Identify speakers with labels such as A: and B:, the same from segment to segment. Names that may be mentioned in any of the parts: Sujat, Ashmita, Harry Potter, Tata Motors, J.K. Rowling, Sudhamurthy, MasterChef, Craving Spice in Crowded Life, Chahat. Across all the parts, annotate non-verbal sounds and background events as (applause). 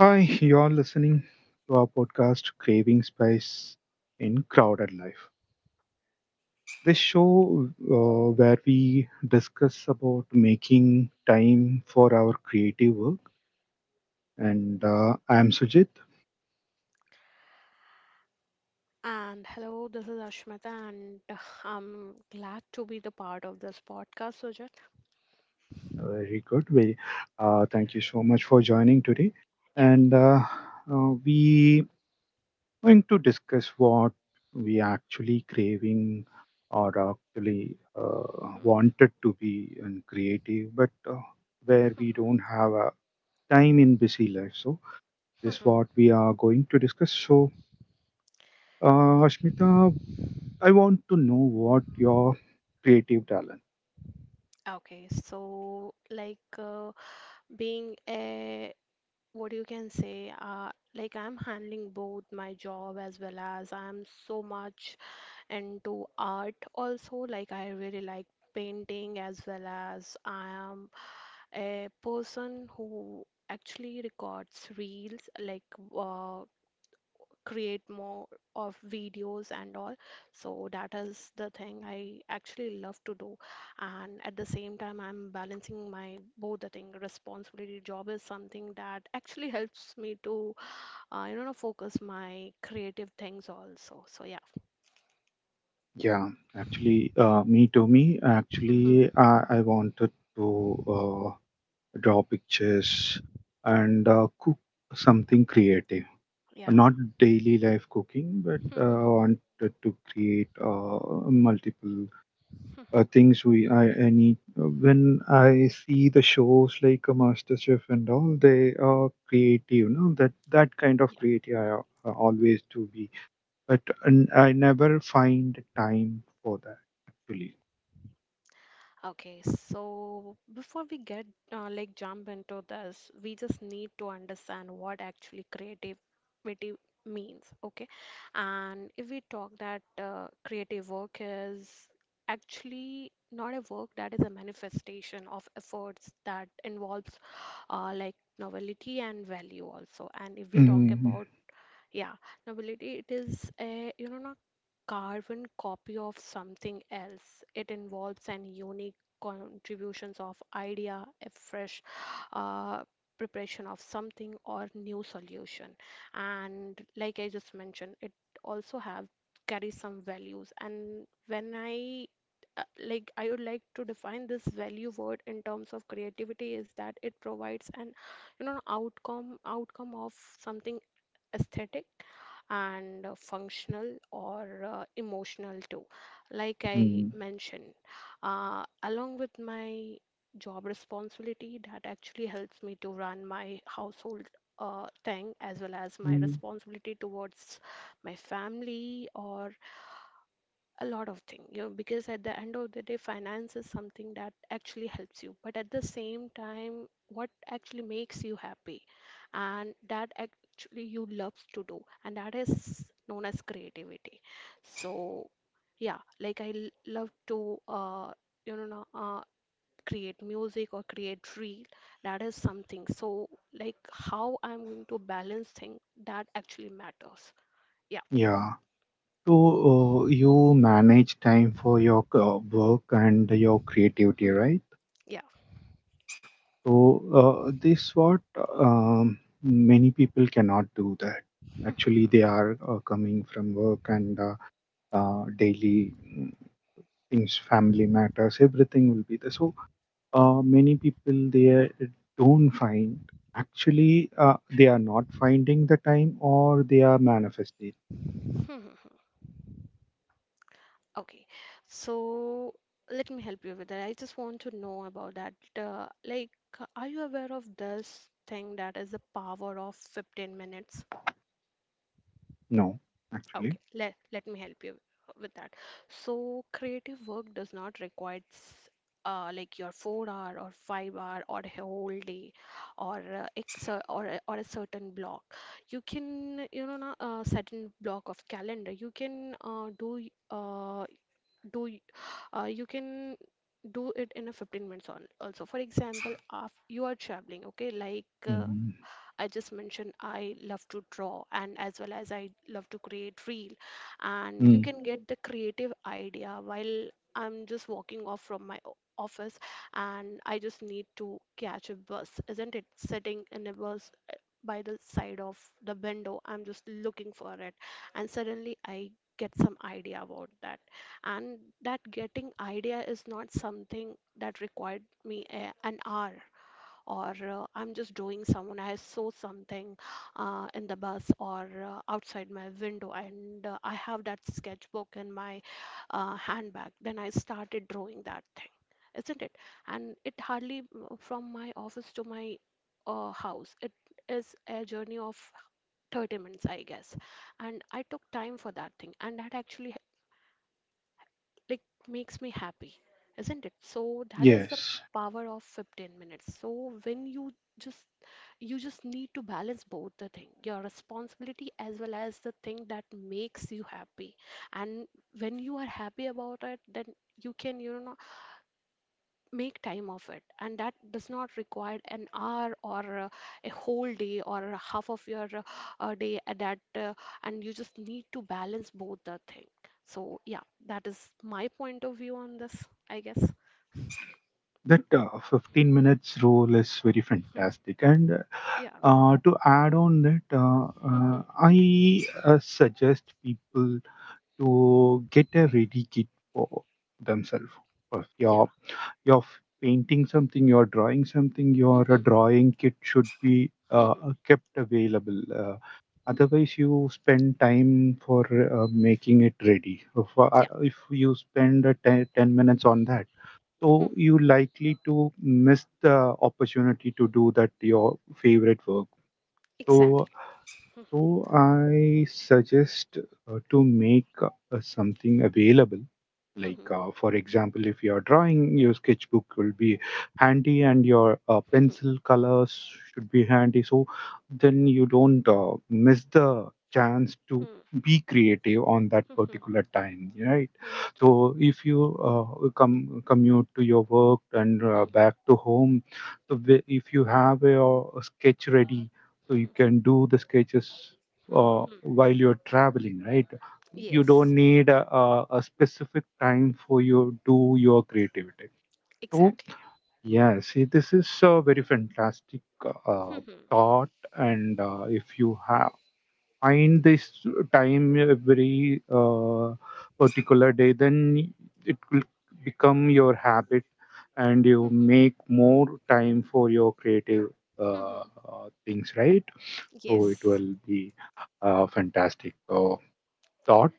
A: Hi, you're listening to our podcast, Craving Spice in Crowded Life. This show where we discuss about making time for our creative work. And I'm Sujit.
B: And hello, this is Ashmita, and I'm glad to be the part of this podcast, Sujat.
A: Very good. Thank you so much for joining today.
B: Yeah.
A: And we going to discuss what we actually craving or actually
B: Hmm.
A: wanted to be and creative, but where we don't have a time in busy life. So this what
B: (laughs)
A: we are going to discuss. So Ashmita, I want to know what your creative talent.
B: Okay, so like being a what you can say, like I'm handling both my job as well as I'm so much into art also. Like I really like painting as well as I am a person who actually records reels like uh, create more of videos and all. So that is the thing I actually love to do. And at the same time, I'm balancing my both the thing. Responsibility job is something that actually helps me to, you know, focus my creative things also. So yeah.
A: Yeah, actually, me to me,
B: (laughs)
A: actually, I wanted to draw pictures and cook something creative.
B: Yeah.
A: Not daily life cooking, but I wanted to create multiple things. I need when I see the shows like MasterChef and all, they are creative. No, that kind of
B: (laughs)
A: creative I always do be, but and I never find time for that actually.
B: Okay, so before we get like jump into this, we just need to understand what actually creativity means, okay? And if we talk that creative work is actually not a work that is a manifestation of efforts that involves like novelty and value also. And if we talk
A: mm
B: about yeah, novelty, it is a you know carbon copy of something else. It involves an unique contributions of idea, a fresh uh, preparation of something or new solution. And like I just mentioned, it also have carries some values. And when I like I would like to define this value word in terms of creativity is that it provides an you know outcome of something aesthetic and functional or emotional too, like I
A: mm
B: mentioned. Along with my job responsibility, that actually helps me to run my household thing as well as my
A: mm.
B: responsibility towards my family or a lot of things, you know, because at the end of the day finance is something that actually helps you, but at the same time what actually makes you happy and that actually you love to do and that is known as creativity. So yeah, like love to you know create music or create reel, that is something. So like how I'm going to balance thing, that actually matters.
A: Yeah. So you manage time for your work and your creativity, right?
B: Yeah. Hmm.
A: So this what many people cannot do that.
B: Yeah.
A: Actually, they are coming from work and daily things, family matters, everything will be there. So many people they don't find. Actually, they are not finding the time, or they are manifesting.
B: (laughs) Okay, so let me help you with that. I just want to know about that. Like, are you aware of this thing that is the power of 15 minutes?
A: No, actually.
B: Okay, let me help you with that. So, creative work does not require like your 4 hour or 5 hour or a whole day or or a certain block. You can, you know, a certain block of calendar. You can do y- do you can do it in a 15 minutes on also. For example, if you are traveling, okay, like
A: Mhm.
B: I just mentioned I love to draw and as well as I love to create reel, and you
A: Mm.
B: can get the creative idea while I'm just walking off from my office and I just need to catch a bus, isn't it? Sitting in a bus by the side of the window, I'm just looking for it. And suddenly I get some idea about that. And that getting idea is not something that required me an hour or I'm just drawing someone. I saw something in the bus or outside my window, and I have that sketchbook in my handbag. Then I started drawing that thing, isn't it? And it hardly from my office to my house. It is a journey of 30 minutes, I guess. And I took time for that thing, and that actually like makes me happy, isn't it? So that is the
A: Yes,
B: power of 15 minutes. So when just you just need to balance both the thing, your responsibility as well as the thing that makes you happy. And when you are happy about it, then you can, you know, make time of it, and that does not require an hour or a whole day or a half of your day at that and you just need to balance both the thing. So yeah, that is my point of view on this, I guess.
A: that 15 minutes rule is very
B: Hmm.
A: fantastic, and
B: Yeah.
A: To add on that,
B: (laughs)
A: I suggest people to get a ready kit for themselves. If
B: Yeah.
A: you're painting something, you're drawing something, your
B: (laughs)
A: drawing kit should be
B: Yeah.
A: kept available. Otherwise, you spend time for making it ready.
B: (laughs)
A: If you spend 10, ten minutes on that,
B: Yeah.
A: so you likely to miss the opportunity to do that your favorite work.
B: (laughs)
A: So
B: Exactly.
A: so I suggest to make something available. Like, for example, if you're drawing, your sketchbook will be handy and your
B: (laughs)
A: pencil colors should be handy. So then you don't miss the chance to
B: Hmm,
A: be creative on that
B: hmm, hmm,
A: particular time, right?
B: hmm,
A: So if you come commute to your work and
B: hmm,
A: back to home, so if you have your sketch ready so you
B: hmm,
A: can do the sketches
B: hmm, hmm.
A: while you're traveling, right? You
B: Yes,
A: don't need a specific time for you do your creativity, so
B: exactly.
A: yeah, see this is a very fantastic uh,
B: Hmm, hmm,
A: thought. And if you have find this time every particular day, then it will become your habit and
B: hmm,
A: you
B: hmm,
A: make more time for your creative
B: hmm, hmm.
A: things, right? So it
B: Yes.
A: will be a fantastic thought.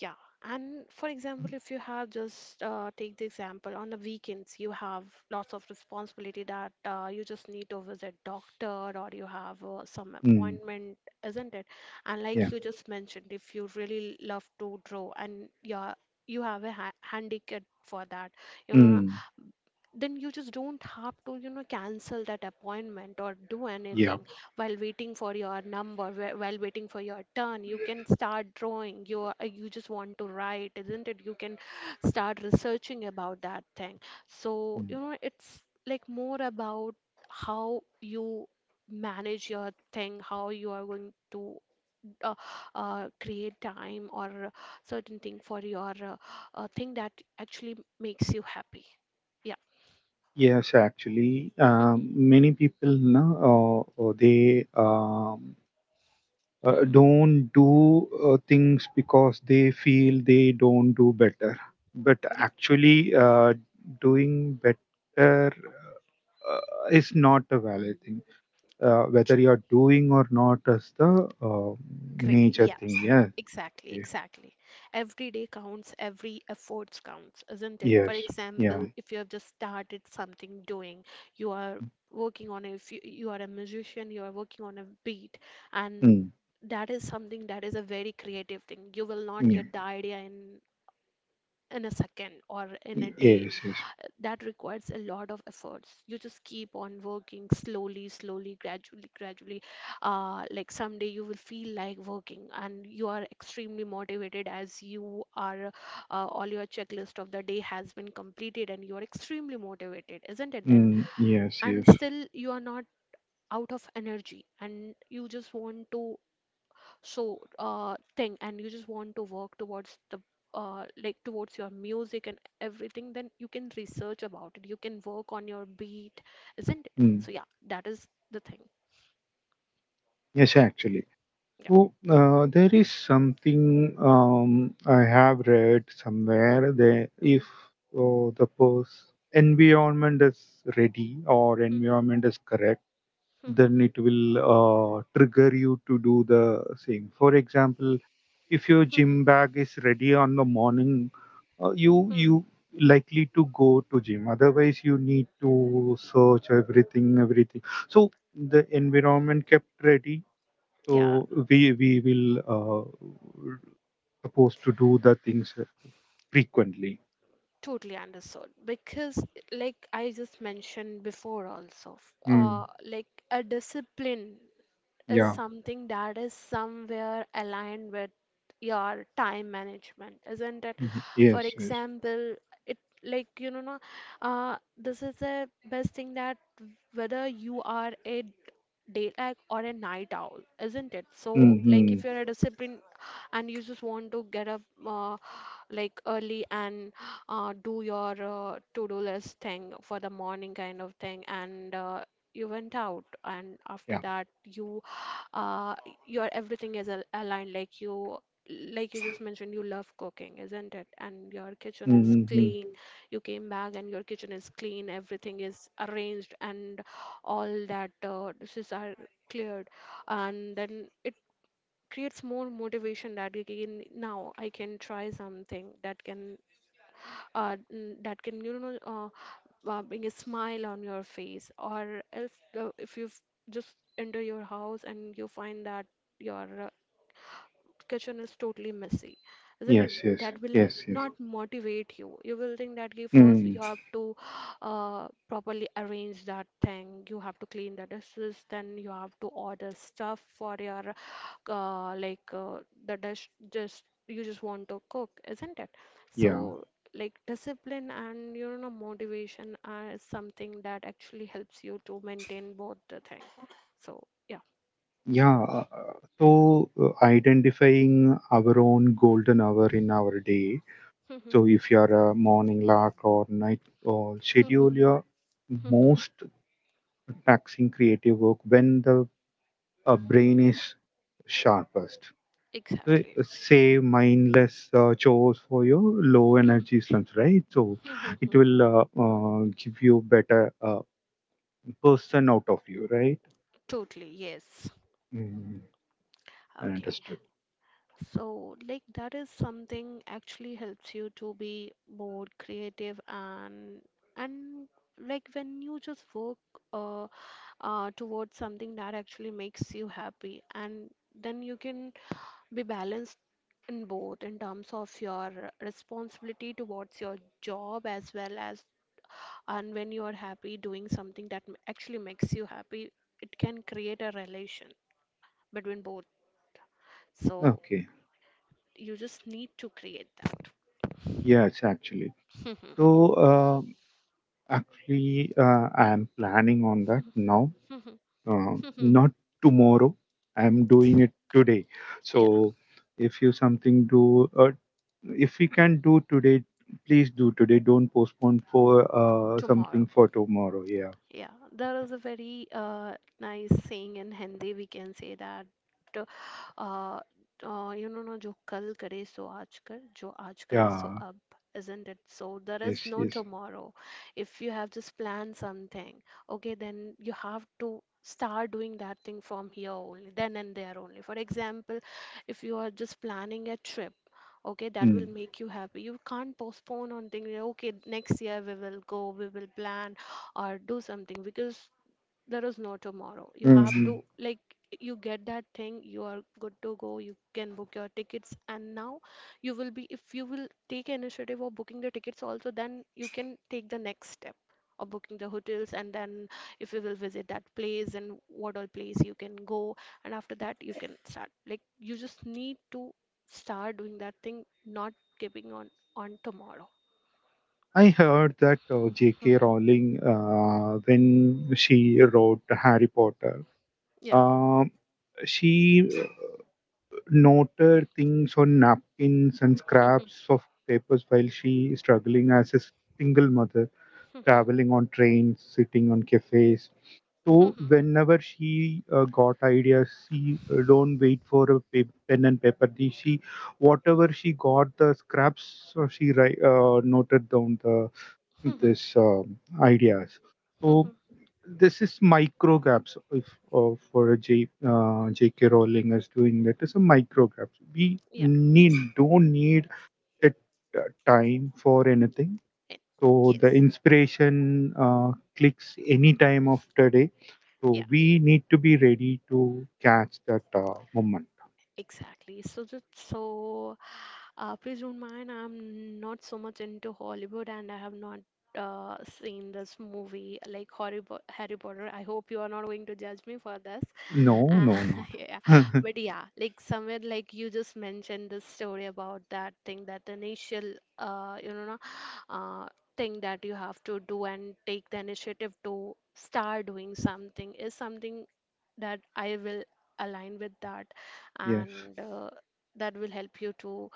B: Yeah, and for example, if you have just take the example on the weekends, you have lots of responsibility that you just need to visit doctor or you have some
A: Mm,
B: appointment, isn't it? And like
A: yeah.
B: you just mentioned, if you really love to draw and yeah, you have a ha handicap for that, you know,
A: Mm,
B: then you just don't have to, you know, cancel that appointment or do
A: yeah.
B: anything while waiting for your number, while waiting for your turn you can start drawing, you are, you just want to write, isn't it, you can start researching about that thing. So you
A: Mm.
B: know it's like more about how you manage your thing, how you are going to uh, create time or certain thing for your thing that actually makes you happy. Yeah.
A: Yes, actually,
B: (laughs)
A: many people, no, they don't do things because they feel they don't do better. But
B: Yeah.
A: actually, doing better uh, is not a valid thing.
B: True.
A: Whether you're doing or not is the
B: Great.
A: major
B: Yeah.
A: thing. Yeah.
B: Exactly,
A: Yeah.
B: exactly. Every day counts, every efforts counts, isn't it? For
A: Yes. Yeah.
B: example, if you have just started something doing, you are working on a, if you, you are a musician, you are working on a beat, and
A: Mm.
B: that is something that is a very creative thing. You will not
A: Yeah.
B: get the idea in a second or in a
A: Y-
B: day,
A: Yes. Yes.
B: that requires a lot of efforts. You just keep on working, slowly slowly, gradually gradually, like someday you will feel like working and you are extremely motivated as you are all your checklist of the day has been completed and you are extremely motivated, isn't it? Then
A: Mm. Yes.
B: and
A: Yes.
B: still you are not out of energy and you just want to thing and you just want to work towards the like towards your music and everything, then you can research about it, you can work on your beat, isn't it?
A: Mm.
B: So yeah, that is the thing.
A: Yes, actually,
B: Yeah.
A: so there is something I have read somewhere that if
B: Mm.
A: environment is ready or
B: Mhm.
A: environment is correct,
B: Mhm.
A: then it will trigger you to do the same. For example, if your
B: Mhm.
A: gym bag is ready on the morning,
B: Mhm.
A: you likely to go to gym, otherwise you need to search everything everything, so the environment kept ready
B: Yeah,
A: so we will supposed to do the things frequently.
B: totally understood, because like I just mentioned before also,
A: Mm.
B: like a discipline is
A: yeah
B: something that is somewhere aligned with your time management, isn't it?
A: Mhm.
B: For
A: yes yes
B: example, it like you know, no, this is the best thing, that whether you are a daylight or a night owl, isn't it? So, like,
A: mm-hmm.
B: if you're a discipline and you just want to get up. Like early and do your to-do list thing for the morning kind of thing, and you went out, and after
A: yeah
B: that you uh, your everything is al aligned, like you, like you just mentioned, you love cooking, isn't it, and your kitchen is
A: mm-hmm.
B: clean, you came back and your kitchen is clean, everything is arranged, and all that dishes are cleared, and then it creates more motivation that again now I can try something that can that can you know bring a smile on your face. Or else if you just enter your house and you find that your kitchen is totally messy, isn't it,
A: yes yes
B: that will
A: yes yes
B: not motivate you, you will think that okay, first
A: mm.
B: you have to (gasps) properly arrange that thing, you have to clean the dishes, then you have to order stuff for your uh, like uh, the dish just, you just want to cook, isn't it?
A: yeah
B: So like discipline and you know motivation are is something that actually helps you to maintain both the thing. So yeah. (laughs)
A: Yeah, so identifying our own golden hour in our day.
B: Mhm,
A: So if you're a morning lark or night owl, schedule
B: mhm,
A: your
B: mhm,
A: most taxing creative work when the brain
B: mhm.
A: is sharpest. So,
B: Exactly.
A: say mindless chores for your low energy slumps, right? So it
B: Mhm.
A: will give you better person out of you, right?
B: Totally, yes.
A: Mm,
B: Okay.
A: understood.
B: So, like, that is something actually helps you to be more creative and and like when you just work uh towards something that actually makes you happy, and then you can be balanced in both in terms of your responsibility towards your job as well as, and when you are happy doing something that actually makes you happy, it can create a relation between both. So
A: Okay.
B: you just need to create that.
A: Yes, actually. So, actually, I am planning on that now. Not tomorrow. I am doing it
B: (laughs)
A: today.
B: Yeah.
A: So, if you something do, if we can do today, please do today. Don't postpone for something
B: Tomorrow.
A: for tomorrow. Yeah.
B: Yeah, there is a very nice saying in Hindi. We can say that, uh, you know, no, जो कल करे सो आज कर, जो आज करे सो
A: Yeah.
B: अब, isn't it? So there is
A: Yes.
B: no
A: Yes.
B: tomorrow. If you have just planned something, okay, then you have to start doing that thing from here only, then and there only. For example, if you are just planning a trip, okay, that will
A: Mm.
B: make you happy, you can't postpone on thinking, okay, next year we will go, we will plan or do something, because there is no tomorrow. You
A: hmm
B: have
A: Mm-hmm.
B: to, you get that thing, you are good to go, you can book your tickets, and now you will be, if you will take initiative of booking the tickets also, then you can take the next step of booking the hotels, and then if you will visit that place and what all place you can go, and after that, you can start. You just need to start doing that thing, not keeping on tomorrow.
A: I heard that J.K.
B: (laughs)
A: Rowling, when she wrote Harry Potter,
B: Yeah.
A: um, she noted things on napkins and scraps of papers while she struggling as a single mother traveling on trains sitting on cafes, so whenever she got ideas she don't wait for a pen and paper. She whatever she got the scraps, so she write, noted down the this ideas. So
B: (laughs)
A: this is micro gaps if for a jk rowling is doing that is a micro gaps, we
B: Yeah.
A: need don't need that uh, time for anything,
B: eh,
A: so the
B: Yes.
A: inspiration clicks any time of the day,
B: Yeah,
A: so we need to be ready to catch that moment.
B: exactly. So just so Please don't mind. I'm not so much into Hollywood, and I have not seen this movie like Harry Potter. I hope you are not going to judge me for this.
A: No,
B: Uh,
A: no, no,
B: (laughs) yeah,
A: no.
B: but yeah, like somewhere like you just mentioned the story about that thing that uh, you know, uh, thing that you have to do and take the initiative to start doing something is something that I will align with that,
A: (laughs) Yes.
B: and that will help you to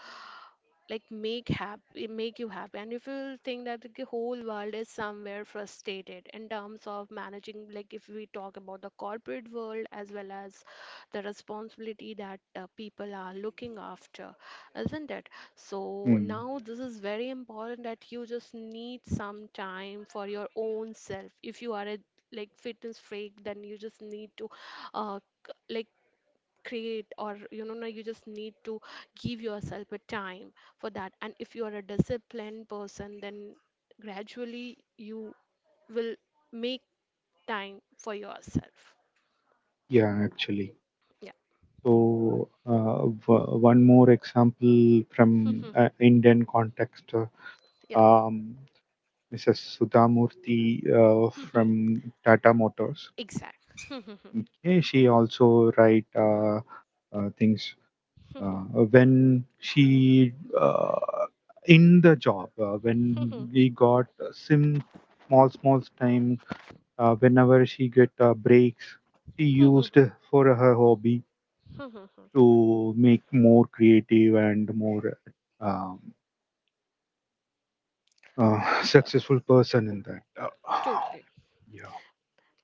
B: like make you happy. And if you think that the whole world is somewhere frustrated in terms of managing, like if we talk about the corporate world as well as the responsibility that people are looking after, isn't it? So
A: mm.
B: now this is very important that you just need some time for your own self. If you are a like fitness freak, then you just need to uh, like create or you know no, you just need to give yourself a time for that. And if you are a disciplined person, then gradually you will make time for yourself.
A: Yeah Actually,
B: Yeah.
A: so one more example from indian context,
B: (laughs) Yeah.
A: um, Mrs. Sudhamurthy
B: (laughs)
A: from Tata Motors.
B: Exactly.
A: Okay, she also write things
B: (laughs)
A: when she in the job when we got sim small small time, whenever she get breaks she used for her hobby to make more creative and more um, (laughs)
B: (laughs)
A: successful person in that.
B: Totally.
A: Yeah.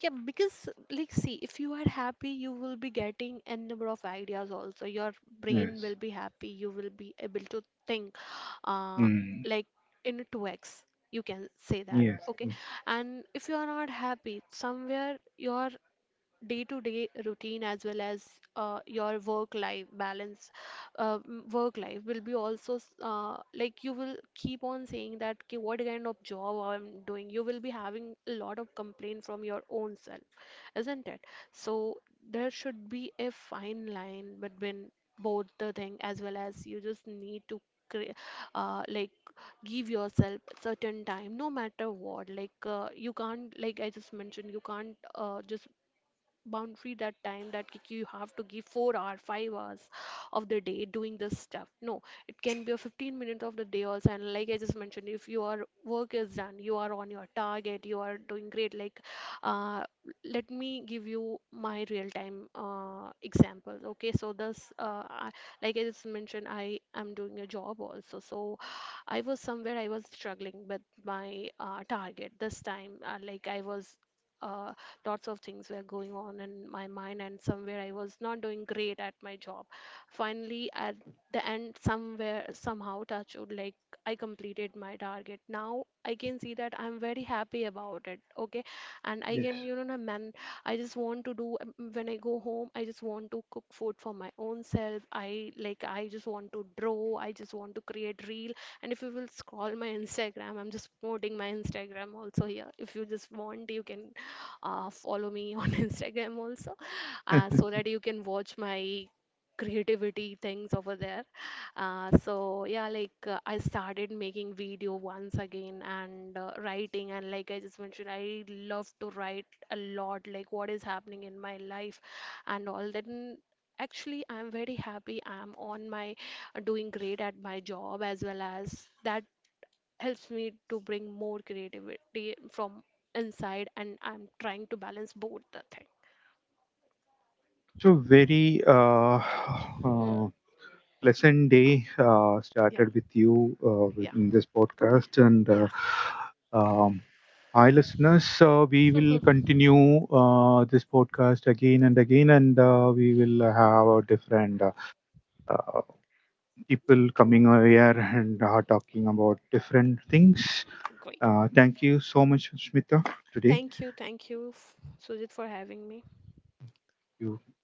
B: Yeah, because like see, if you are happy, you will be getting a number of ideas also. Your brain
A: Yes.
B: will be happy. You will be able to think uh
A: Mm,
B: like in a 2x. You can say that,
A: yes,
B: okay?
A: yes,
B: And if you are not happy, somewhere your day-to-day routine as well as your work-life will be also like you will keep on saying that "Ki what kind of job I'm doing. You will be having a lot of complaint from your own self, isn't it? So there should be a fine line between both the thing as well as you just need to cre- like give yourself certain time, no matter what. Like you can't, like I just mentioned, you can't just boundary that time that ki you have to give 4 hour 5 hours of the day doing this stuff. No, it can be a 15 minutes of the day also. And like I just mentioned, if your work is done, you are on your target, you are doing great. Like uh, let me give you my real time example. Okay, so like I just mentioned, I am doing a job also. So I was somewhere, I was struggling with my target this time. Like I was uh, Lots of things were going on in my mind, and somewhere I was not doing great at my job. Finally, at the end, somewhere, somehow, touch wood, like I completed my target. Now I can see that I'm very happy about it. Okay, and I can,
A: yes.
B: you know, man, I just want to do when I go home. I just want to cook food for my own self. I just want to draw. I just want to create reel. And if you will scroll my (laughs) Instagram, I'm just promoting my Instagram also here. If you just want, you can follow me on (laughs) Instagram also,
A: (laughs)
B: so that you can watch my creativity things over there. So yeah, I started making video once again and writing, and like I just mentioned, I love to write a lot, like what is happening in my life and all that. And actually, I'm very happy. I'm on my Doing great at my job, as well as that helps me to bring more creativity from inside, and I'm trying to balance both the thing.
A: So very
B: Hmm.
A: uh, pleasant day
B: Yeah,
A: started with you
B: yeah,
A: within this podcast, and
B: yeah.
A: um, hi listeners. We will continue this podcast again and again, and we will have a different uh, people
B: G-
A: coming over here and talking about different things.
B: Great.
A: Thank you so much, Smita, today.
B: Thank you, Sujit, for having me.
A: You